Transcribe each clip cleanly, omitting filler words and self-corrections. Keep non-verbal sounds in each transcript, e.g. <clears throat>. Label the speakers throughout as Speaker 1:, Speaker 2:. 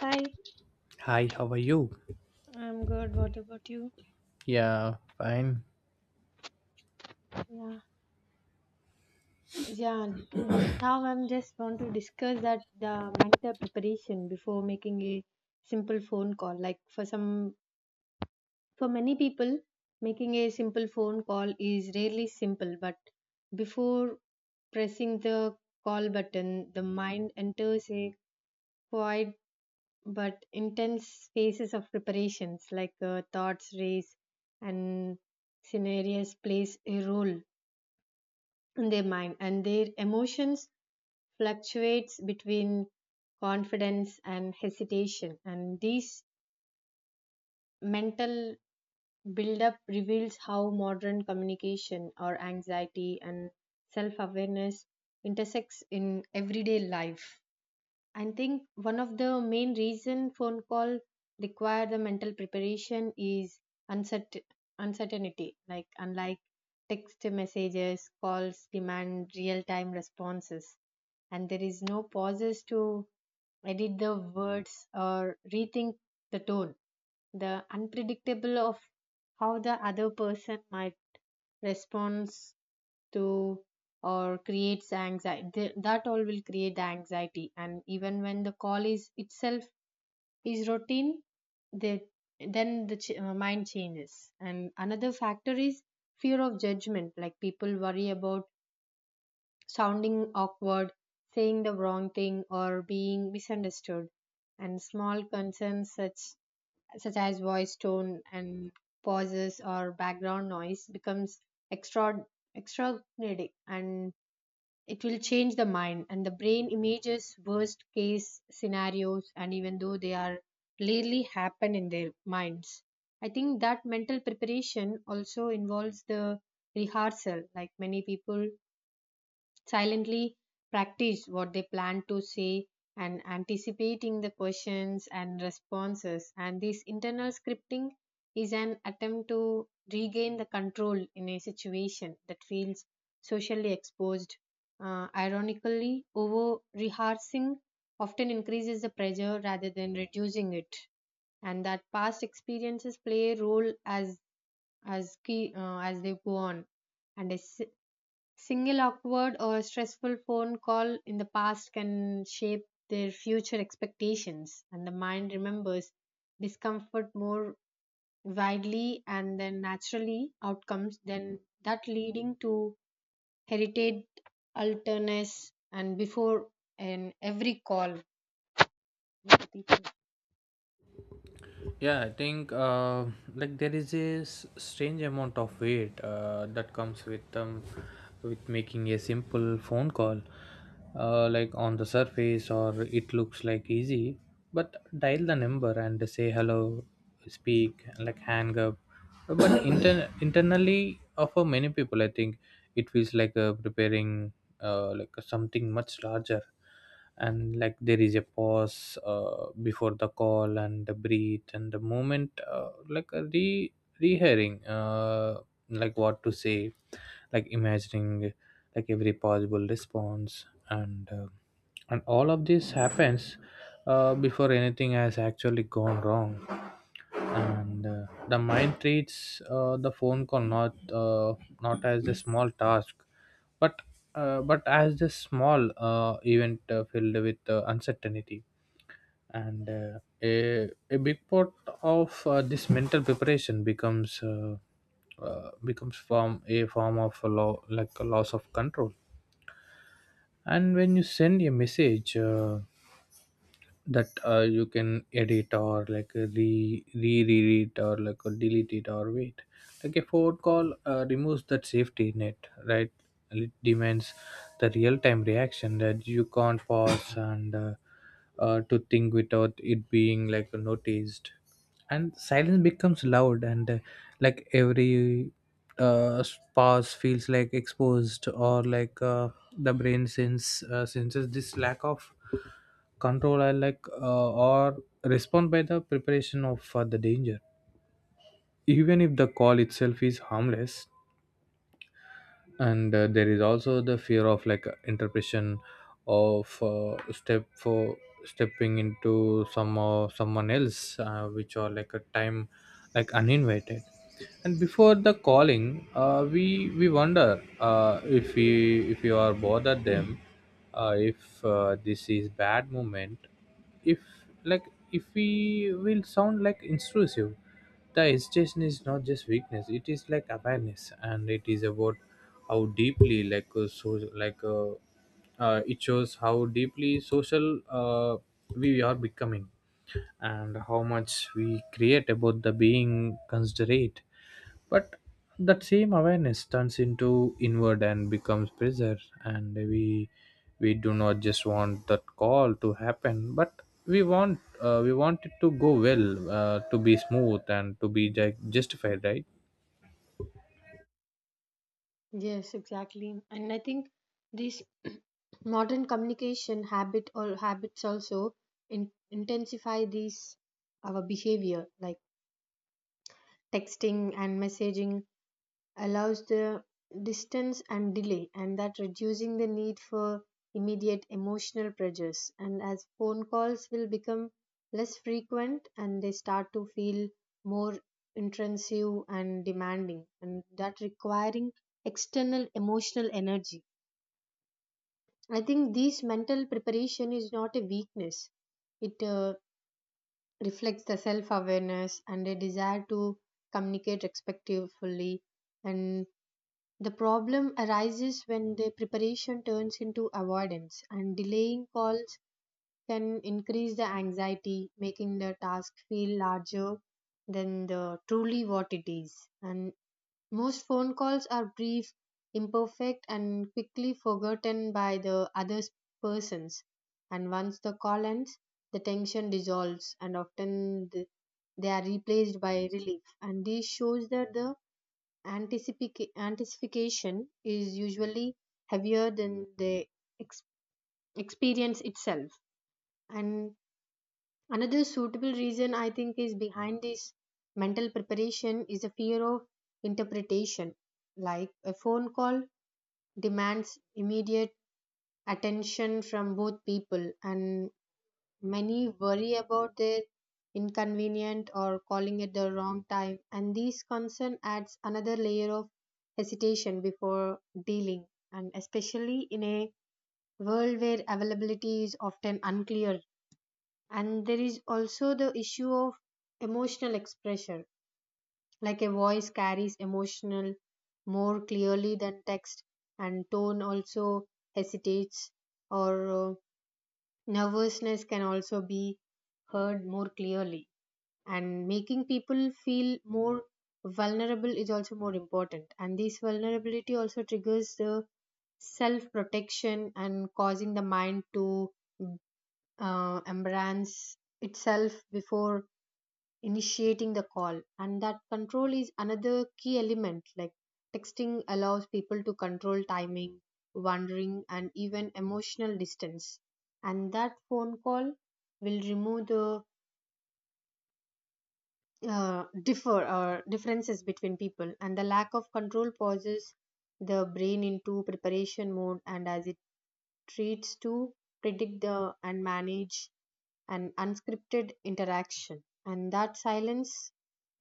Speaker 1: Hi,
Speaker 2: Hi, how are you?
Speaker 1: I'm good. What about you?
Speaker 2: Yeah, fine.
Speaker 1: Yeah, yeah, Now I'm just want to discuss that the mental preparation before making a simple phone call. Like for some, for many people, making a simple phone call is really simple. But before pressing the call button, the mind enters a quiet but intense phases of preparations, like thoughts race and scenarios plays a role in their mind and their emotions fluctuates between confidence and hesitation, and this mental buildup reveals how modern communication or anxiety and self-awareness intersects in everyday life. I think one of the main reason phone call require the mental preparation is uncertain uncertainty. Like unlike text messages, calls demand real time responses, and there is no pauses to edit the words or rethink the tone. The unpredictable of how the other person might respond to or creates anxiety that all will create the anxiety, and even when the call is itself is routine the then the mind changes. And another factor is fear of judgment, like people worry about sounding awkward, saying the wrong thing, or being misunderstood, and small concerns such as voice tone and pauses or background noise becomes extra extraordinary, and it will change the mind, and the brain images worst case scenarios, and even though they are rarely happen in their minds. I think that mental preparation also involves the rehearsal, like many people silently practice what they plan to say and anticipating the questions and responses, and this internal scripting is an attempt to regain the control in a situation that feels socially exposed. Ironically over rehearsing often increases the pressure rather than reducing it, and that past experiences play a role as as key as they go on. and a s- Single awkward or stressful phone call in the past can shape their future expectations, and the mind remembers discomfort more widely and then naturally outcomes than that leading to heritage alterness and before and every call with people.
Speaker 2: Yeah, I think like there is a strange amount of weight that comes with with making a simple phone call. Like on the surface, or it looks like easy, but dial the number and say hello, speak, like hang up. But <coughs> internally, for many people, I think it feels like preparing like something much larger, and like there is a pause before the call and the breathe and the moment like a re rehearing like what to say, like imagining like every possible response, and and all of this happens before anything has actually gone wrong, and the mind treats the phone call uh, not as a small task but but as a small event filled with uncertainty and a big part of this mental preparation becomes from a form of a law, like a loss of control. And when you send a message that you can edit or like re read it or like delete it or wait, like a forward call removes that safety net, right? It demands the real-time reaction that you can't pause and to think without it being like noticed, and silence becomes loud, and like every uh pause feels like exposed or like the brain senses this lack of control, and like or respond by the preparation of the danger, even if the call itself is harmless. And there is also the fear of like interpretation of stepping into some someone else which are like a time, like uninvited. And before the calling we wonder if we, if you are bothered them, if this is bad moment, if like if we will sound like intrusive. The hesitation is not just weakness, it is like awareness, and it is about how deeply like it shows how deeply social we are becoming, and how much we create about the being considerate. But that same awareness turns into inward and becomes pressure, and we do not just want that call to happen, but we want it to go well, to be smooth and to be justified, right?
Speaker 1: Yes, exactly. And I think this modern communication habit or habits also intensify these our behavior, like texting and messaging allows the distance and delay and that reducing the need for immediate emotional pressures, and as phone calls will become less frequent and they start to feel more intrusive and demanding and that requiring external emotional energy. I think this mental preparation is not a weakness, it reflects the self awareness and a desire to communicate respectfully. And the problem arises when the preparation turns into avoidance, and delaying calls can increase the anxiety, making the task feel larger than the truly what it is. And most phone calls are brief, imperfect, and quickly forgotten by the other persons. And once the call ends, the tension dissolves, and often they are replaced by relief. And this shows that the anticipation is usually heavier than the ex- experience itself. And another suitable reason I think is behind this mental preparation is a fear of interpretation. Like a phone call demands immediate attention from both people, and many worry about their inconvenient or calling at the wrong time. And this concern adds another layer of hesitation before dealing, and especially in a world where availability is often unclear. And there is also the issue of emotional expression, like a voice carries emotional more clearly than text, and tone also hesitates or nervousness can also be heard more clearly and making people feel more vulnerable is also more important, and this vulnerability also triggers the self protection and causing the mind to embrace itself before initiating the call. And that control is another key element, like texting allows people to control timing wandering and even emotional distance, and that phone call will remove the differences between people, and the lack of control pauses the brain into preparation mode, and as it treats to predict the and manage an unscripted interaction. And that silence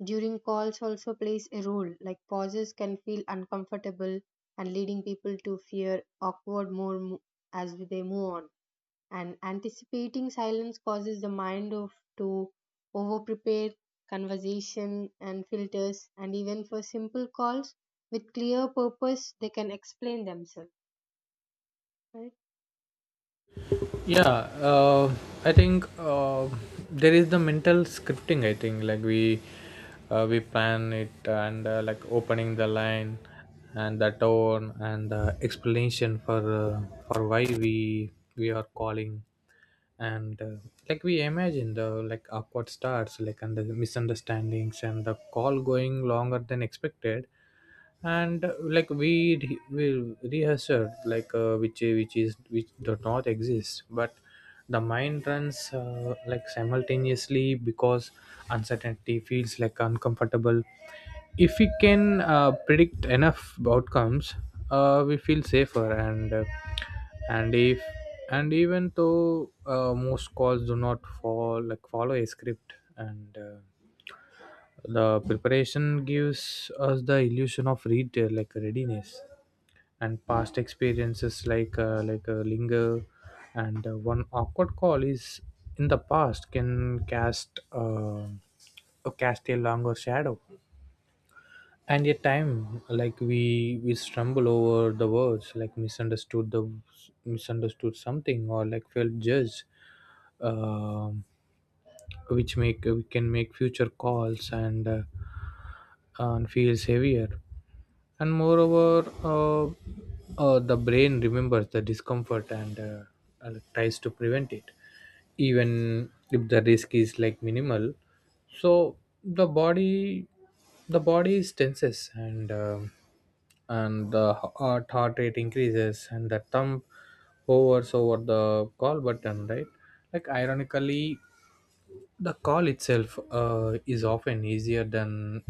Speaker 1: during calls also plays a role, like pauses can feel uncomfortable and leading people to fear awkward as they move on, and anticipating silence causes the mind of to over prepare conversation and filters, and even for simple calls with clear purpose they can explain themselves, right?
Speaker 2: Yeah, I think there is the mental scripting, I think, like we plan it, and like opening the line and the tone and the explanation for why we are calling, and like we imagine the like awkward starts like and the misunderstandings and the call going longer than expected, and like we we rehearse it like which is which does not exist. But the mind runs like simultaneously because uncertainty feels like uncomfortable. If we can predict enough outcomes we feel safer, and if and even though most calls do not fall like follow a script, and the preparation gives us the illusion of retail, like readiness. And past experiences like linger, and one awkward call is in the past, can cast cast a longer shadow. And yet time, like we stumble over the words, like misunderstood something or like felt judged. Um, which make we can make future calls, and and feels heavier. And moreover uh, uh, the brain remembers the discomfort, and tries to prevent it even if the risk is like minimal. So the body the body is tenses, and um, and the heart rate increases, and the thumb hovers over the call button, right? Like ironically, the call itself is often easier than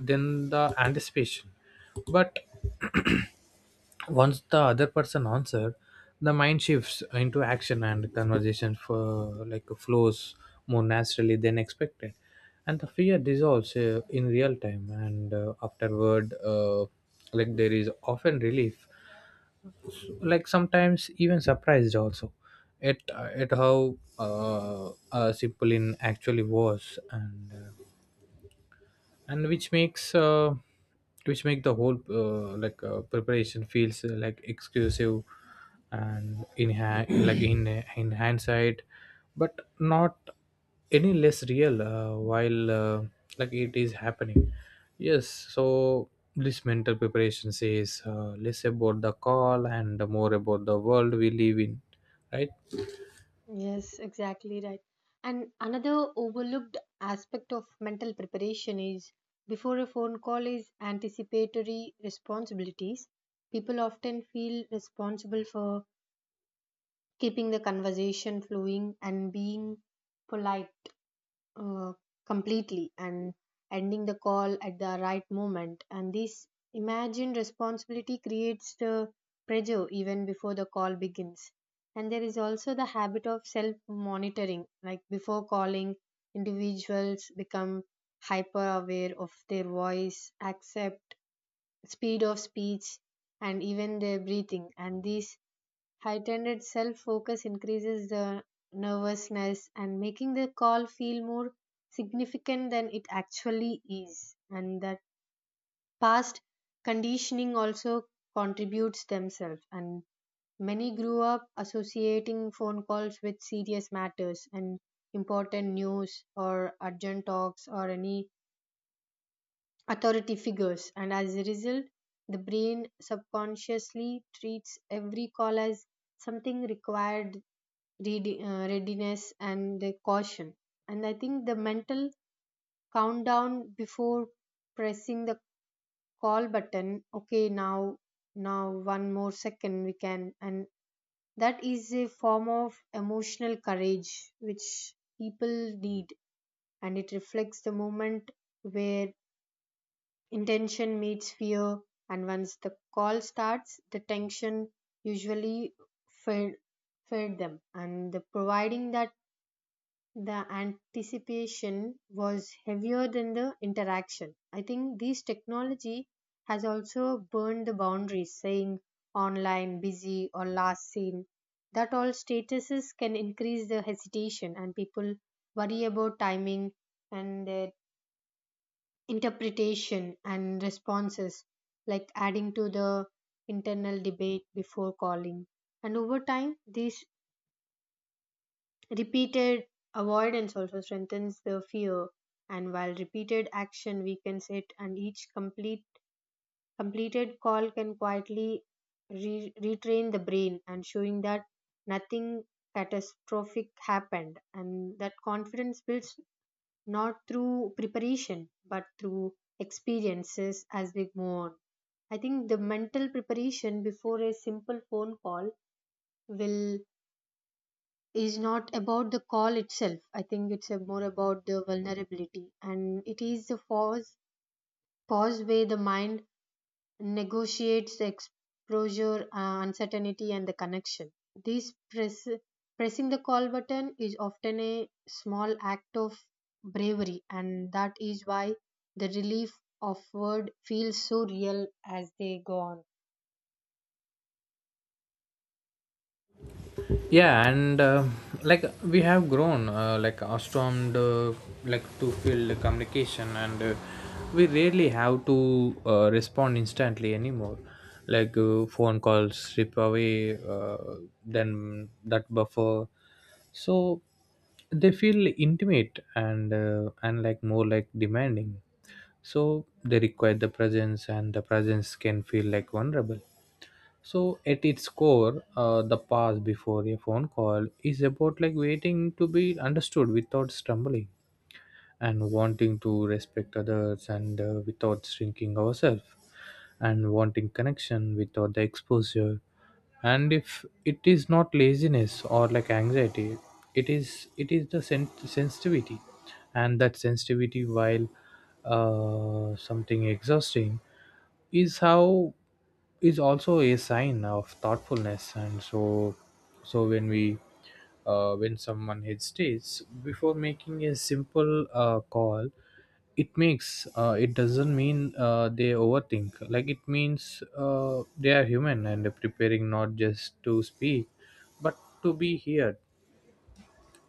Speaker 2: the anticipation, but <clears throat> once the other person answers, the mind shifts into action, and conversation for like flows more naturally than expected, and the fear dissolves in real time. And afterward, like there is often relief, like sometimes even surprised also at how simple in actually was, and which makes which make the whole preparation feels like exclusive, and in <clears throat> like in hindsight, but not any less real while like it is happening. Yes, so this mental preparation says less about the call and more about the world we live in, right?
Speaker 1: Yes, exactly right. And another overlooked aspect of mental preparation is before a phone call is anticipatory responsibilities. People often feel responsible for keeping the conversation flowing and being polite uh, completely and ending the call at the right moment. And this imagined responsibility creates the pressure even before the call begins. And there is also the habit of self monitoring, like before calling, individuals become hyper aware of their voice, accept speed of speech, and even their breathing. And these heightened self focus increases the nervousness and making the call feel more significant than it actually is. And that past conditioning also contributes themselves. And many grew up associating phone calls with serious matters and important news or urgent talks or any authority figures. And as a result, the brain subconsciously treats every call as something required readiness and the caution. And I think the mental countdown before pressing the call button, okay now, now one more second we can, and that is a form of emotional courage which people need, and it reflects the moment where intention meets fear. And once the call starts the tension usually fed fed them, and the providing that the anticipation was heavier than the interaction. I think this technology has also burned the boundaries, saying online, busy, or last seen. That all statuses can increase the hesitation, and people worry about timing and their interpretation and responses, like adding to the internal debate before calling. And over time, these repeated avoidance also strengthens the fear, and while repeated action weakens it, and each completed call can quietly retrain the brain and showing that nothing catastrophic happened, and that confidence builds not through preparation but through experiences as we go on. I think the mental preparation before a simple phone call will is not about the call itself. I think it's a more about the vulnerability, and it is the pause where the mind negotiates the exposure, uncertainty, and the connection. This pressing the call button is often a small act of bravery, and that is why the relief of offered feels so real as they go on.
Speaker 2: Yeah, and like we have grown like accustomed like to field communication, and we rarely have to respond instantly anymore. Like phone calls strip away then that buffer, so they feel intimate, and like more like demanding. So they require the presence, and the presence can feel like vulnerable. So at its core, the pause before a phone call is about like waiting to be understood without stumbling, and wanting to respect others and without shrinking ourselves, and wanting connection without the exposure. And if it is not laziness or like anxiety, it is the sensitivity. And that sensitivity, while something exhausting, is how is also a sign of thoughtfulness. And so when we when someone hesitates before making a simple call, it makes it doesn't mean they overthink, like it means they are human and preparing not just to speak but to be heard.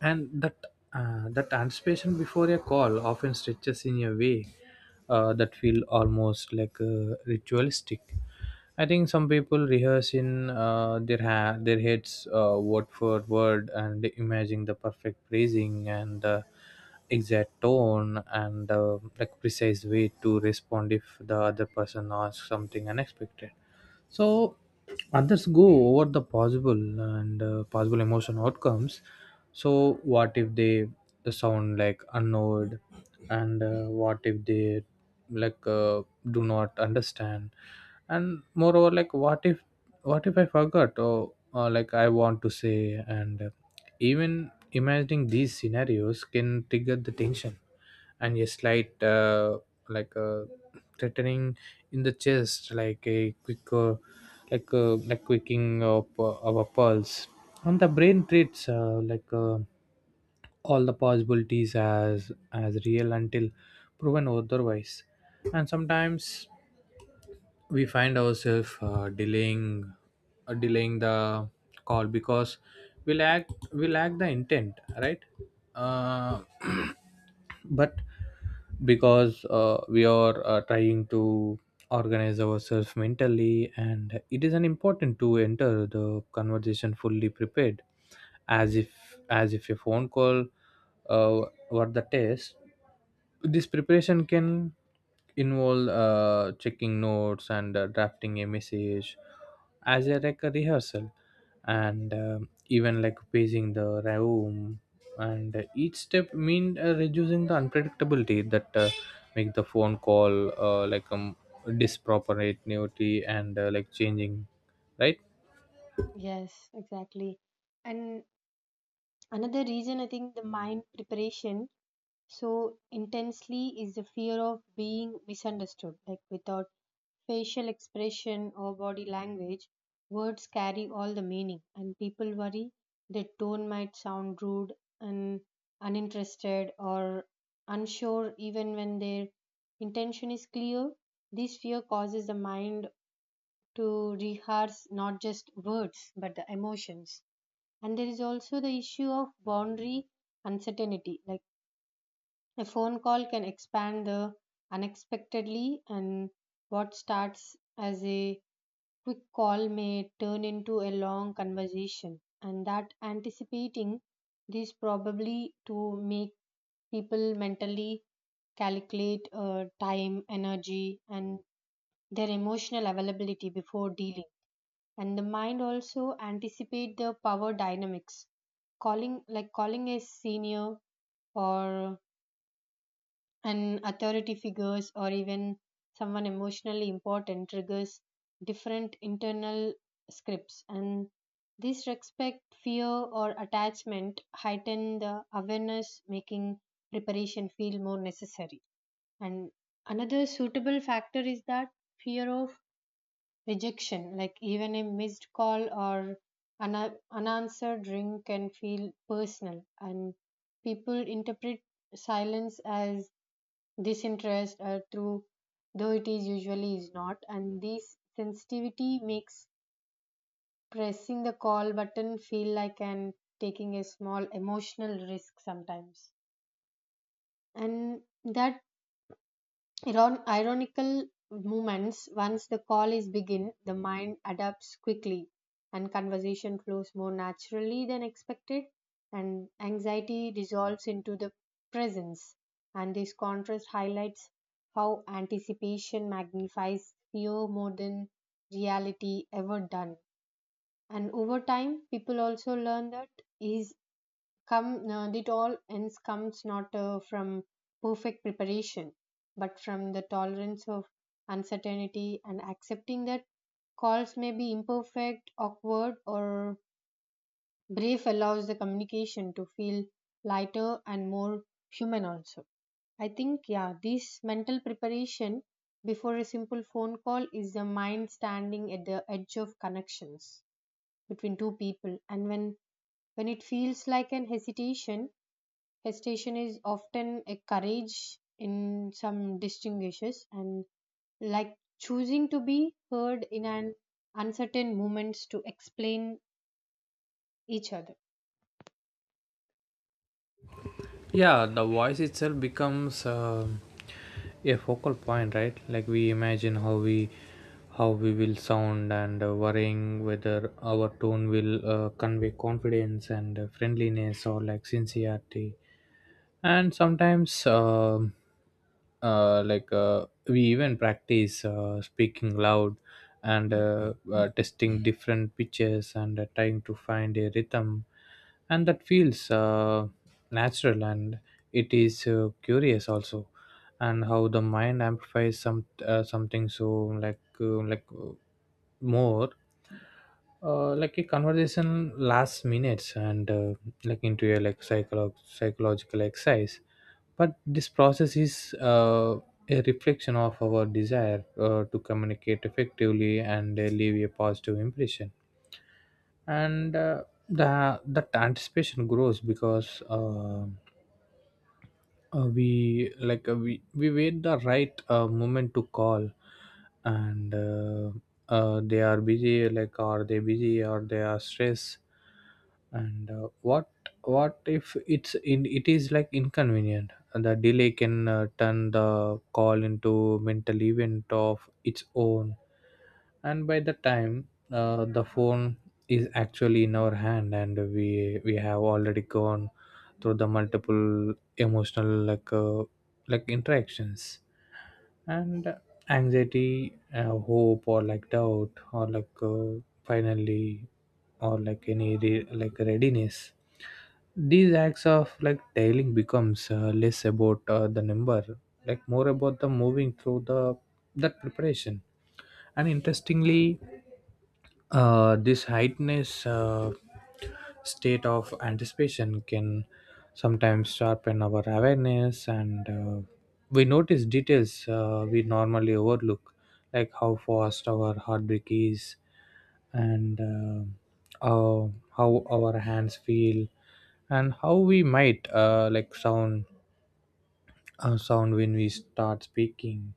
Speaker 2: And that that anticipation before a call often stretches in a way that feel almost like ritualistic. I think some people rehearse in their their heads word for word, and imagining the perfect phrasing, and exact tone, and like precise way to respond if the other person asks something unexpected. So others go over the possible and possible emotion outcomes. So what if they sound like annoyed, and what if they like uh, do not understand, and moreover like what if, what if I forgot or like I want to say, and even imagining these scenarios can trigger the tension and a slight like a threatening in the chest, like a quick like a like quicking of our pulse. And the brain treats all the possibilities as real until proven otherwise. And sometimes we find ourselves delaying delaying the call because we lack we lack the intent, right? uh, <clears throat> but because we are trying to organize ourselves mentally, and it is an important to enter the conversation fully prepared, as if a phone call uh, were the test. This preparation can involve checking notes and drafting a message as a, like a rehearsal, and um, even like pacing the room, and each step mean reducing the unpredictability that make the phone call disproportionality, and like changing, right?
Speaker 1: Yes, exactly. And another reason I think the mind preparation so intensely is the fear of being misunderstood. Like without facial expression or body language, words carry all the meaning, and people worry their tone might sound rude and uninterested or unsure, even when their intention is clear. This fear causes the mind to rehearse not just words but the emotions. And there is also the issue of boundary uncertainty. Like a phone call can expand the unexpectedly, and what starts as a quick call may turn into a long conversation. And that anticipating this probably to make people mentally calculate time, energy, and their emotional availability before dealing. And the mind also anticipate the power dynamics. Calling like calling a senior or and authority figures or even someone emotionally important triggers different internal scripts, and this respect fear or attachment heighten the awareness making preparation feel more necessary. And another suitable factor is that fear of rejection, like even a missed call or an unanswered ring can feel personal and people interpret silence as this interest through though it is usually is not, and this sensitivity makes pressing the call button feel like an taking a small emotional risk sometimes. And that ironical movements once the call is begin the mind adapts quickly and conversation flows more naturally than expected, and anxiety dissolves into the presence, and this contrast highlights how anticipation magnifies fear more than reality ever done. And over time people also learn that is come, not it all ends comes not from perfect preparation, but from the tolerance of uncertainty, and accepting that calls may be imperfect, awkward, or brief allows the communication to feel lighter and more human also. I think, yeah, this mental preparation before a simple phone call is the mind standing at the edge of connections between two people. And when it feels like an hesitation, hesitation is often a courage in some distinguishes and like choosing to be heard in an uncertain moments to explain each other.
Speaker 2: Yeah, the voice itself becomes um, a focal point, right? Like we imagine how we will sound, and worrying whether our tone will convey confidence, and friendliness or like sincerity. And sometimes we even practice speaking loud, and testing different pitches, and trying to find a rhythm, and that feels natural, and it is curious also. And how the mind amplifies some something so like uh, like uh, more like a conversation lasts minutes, and like into a like psychological exercise. But this process is a reflection of our desire to communicate effectively, and leave a positive impression. And the that anticipation grows because um, we like we wait the right moment to call, and they are busy, like are they busy or they are stressed, and what if it's in it is like inconvenient. And the delay can turn the call into mental event of its own. And by the time the phone is actually in our hand, and we have already gone through the multiple emotional like interactions, and anxiety, hope or like doubt or like finally or like any like readiness. These acts of like tailing becomes less about the number, like more about the moving through the that preparation. And interestingly this heightness uh, state of anticipation can sometimes sharpen our awareness, and we notice details we normally overlook, like how fast our heartbeat is, and uh, how our hands feel, and how we might sound sound when we start speaking.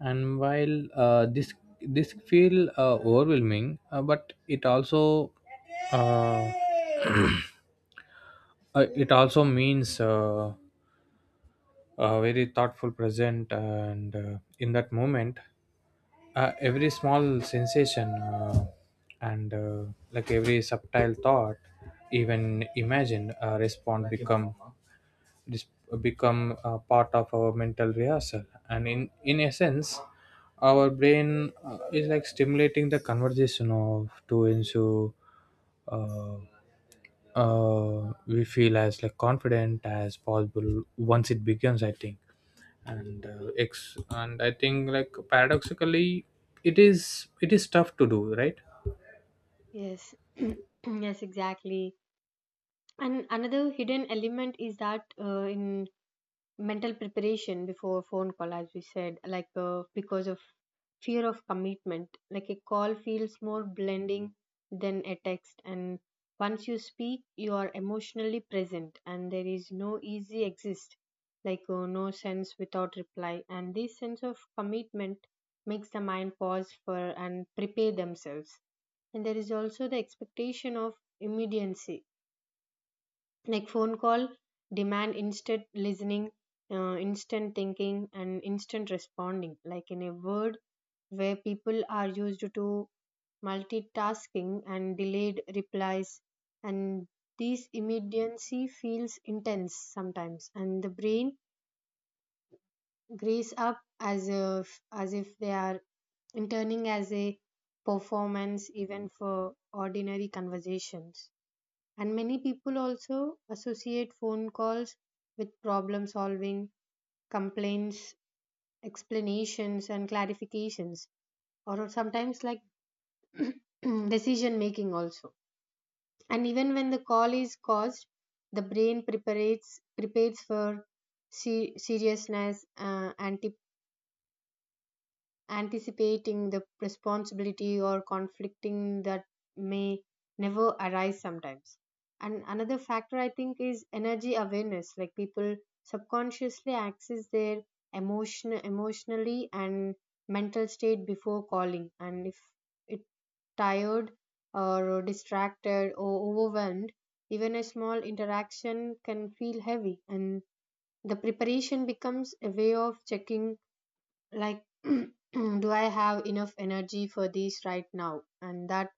Speaker 2: And while this feel overwhelming, but it also uh, <clears throat> it also means a very thoughtful present, and in that moment every small sensation and like every subtle thought, even imagined, respond become dis- become part of our mental rehearsal. And in essence, our brain is like stimulating the conversation of to into uh, we feel as like confident as possible once it begins, I think. And and I think like paradoxically it is tough to do, right?
Speaker 1: Yes, <clears throat> yes, exactly. And another hidden element is that in mental preparation before phone call as we said like because of fear of commitment, like a call feels more blending than a text, and once you speak you are emotionally present and there is no easy exist, like no sense without reply, and this sense of commitment makes the mind pause for and prepare themselves. And there is also the expectation of immediacy, like phone call demand instant listening, instant thinking and instant responding, like in a word where people are used to multitasking and delayed replies, and this immediacy feels intense sometimes, and the brain grease up as if they are interning as a performance even for ordinary conversations. And many people also associate phone calls with problem solving, complaints, explanations, and clarifications, or sometimes like <clears throat> decision making also. And even when the call is caused, the brain prepares for seriousness antip. Anticipating the responsibility or conflicting that may never arise sometimes. And another factor I think is energy awareness, like people subconsciously access their emotionally and mental state before calling, and if it tired or distracted or overwhelmed even a small interaction can feel heavy, and the preparation becomes a way of checking, like <clears throat> do I have enough energy for this right now, and that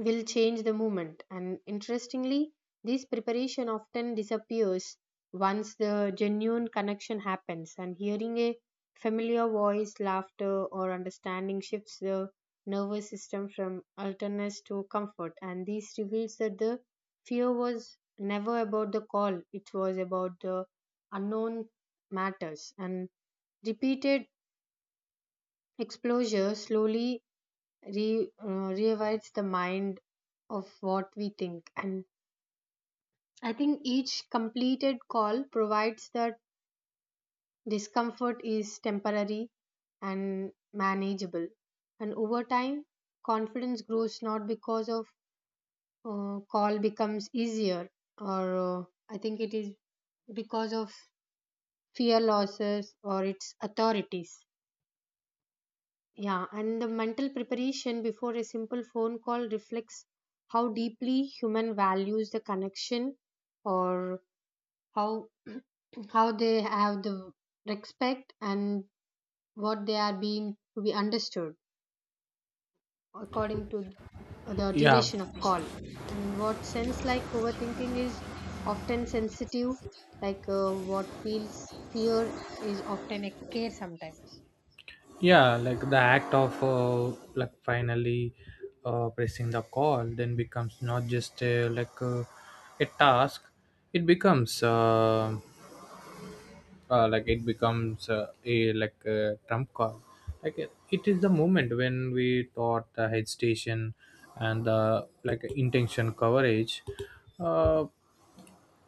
Speaker 1: will change the movement. And interestingly this preparation often disappears once the genuine connection happens, and hearing a familiar voice laughter or understanding shifts the nervous system from alertness to comfort, and this reveals that the fear was never about the call, it was about the unknown matters. And repeated exposure slowly rewrites the mind of what we think. And I think each completed call provides that discomfort is temporary and manageable. And over time, confidence grows not because of call becomes easier, or I think it is because of fear losses or its authorities. Yeah, and the mental preparation before a simple phone call reflects how deeply human values the connection or how how they have the respect and what they are being to be understood according to the
Speaker 2: Yeah.
Speaker 1: duration of call, and what sense like overthinking is often sensitive, like what feels fear is often a care sometimes.
Speaker 2: Yeah, like the act of like finally pressing the call then becomes not just a task, it becomes it becomes a like a trump card. Like it is the moment when we thought the hesitation and the like intention coverage, uh,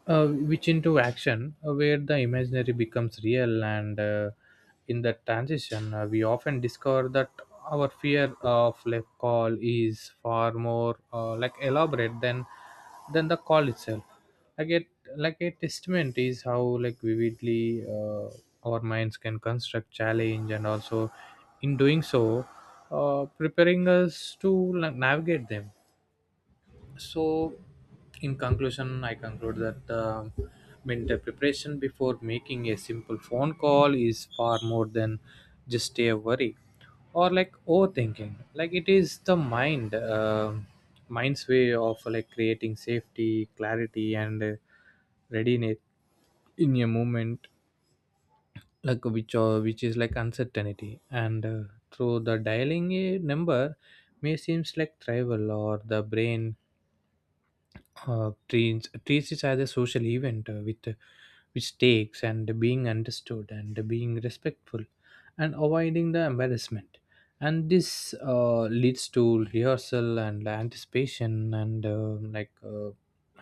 Speaker 2: which into action, where the imaginary becomes real, and in that transition we often discover that our fear of like call is far more like elaborate than the call itself, like it like a testament is how like vividly our minds can construct challenge, and also in doing so preparing us to like, navigate them. So in conclusion, I conclude that um, mental preparation before making a simple phone call is far more than just a worry or like overthinking. Like it is the mind um, mind's way of like creating safety, clarity, and readiness in a moment like which or which is like uncertainty. And through the dialing a number may seems like trivial or the brain treats it as a social event with which takes and being understood and being respectful and avoiding the embarrassment. And this leads to rehearsal and anticipation, and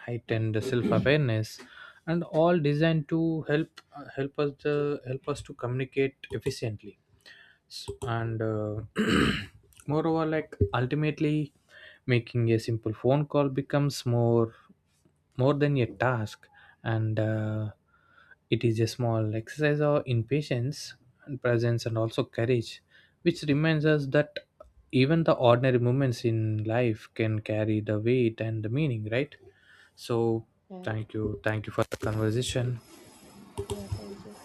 Speaker 2: heightened self-awareness, and all designed to help help us to communicate efficiently. S- and <clears throat> Moreover, like ultimately, making a simple phone call becomes more, more than a task, and it is a small exercise of in patience and presence and also courage, which reminds us that even the ordinary moments in life can carry the weight and the meaning, right? So,
Speaker 1: Yeah,
Speaker 2: thank you. Thank you for the conversation.
Speaker 1: yeah, thank you.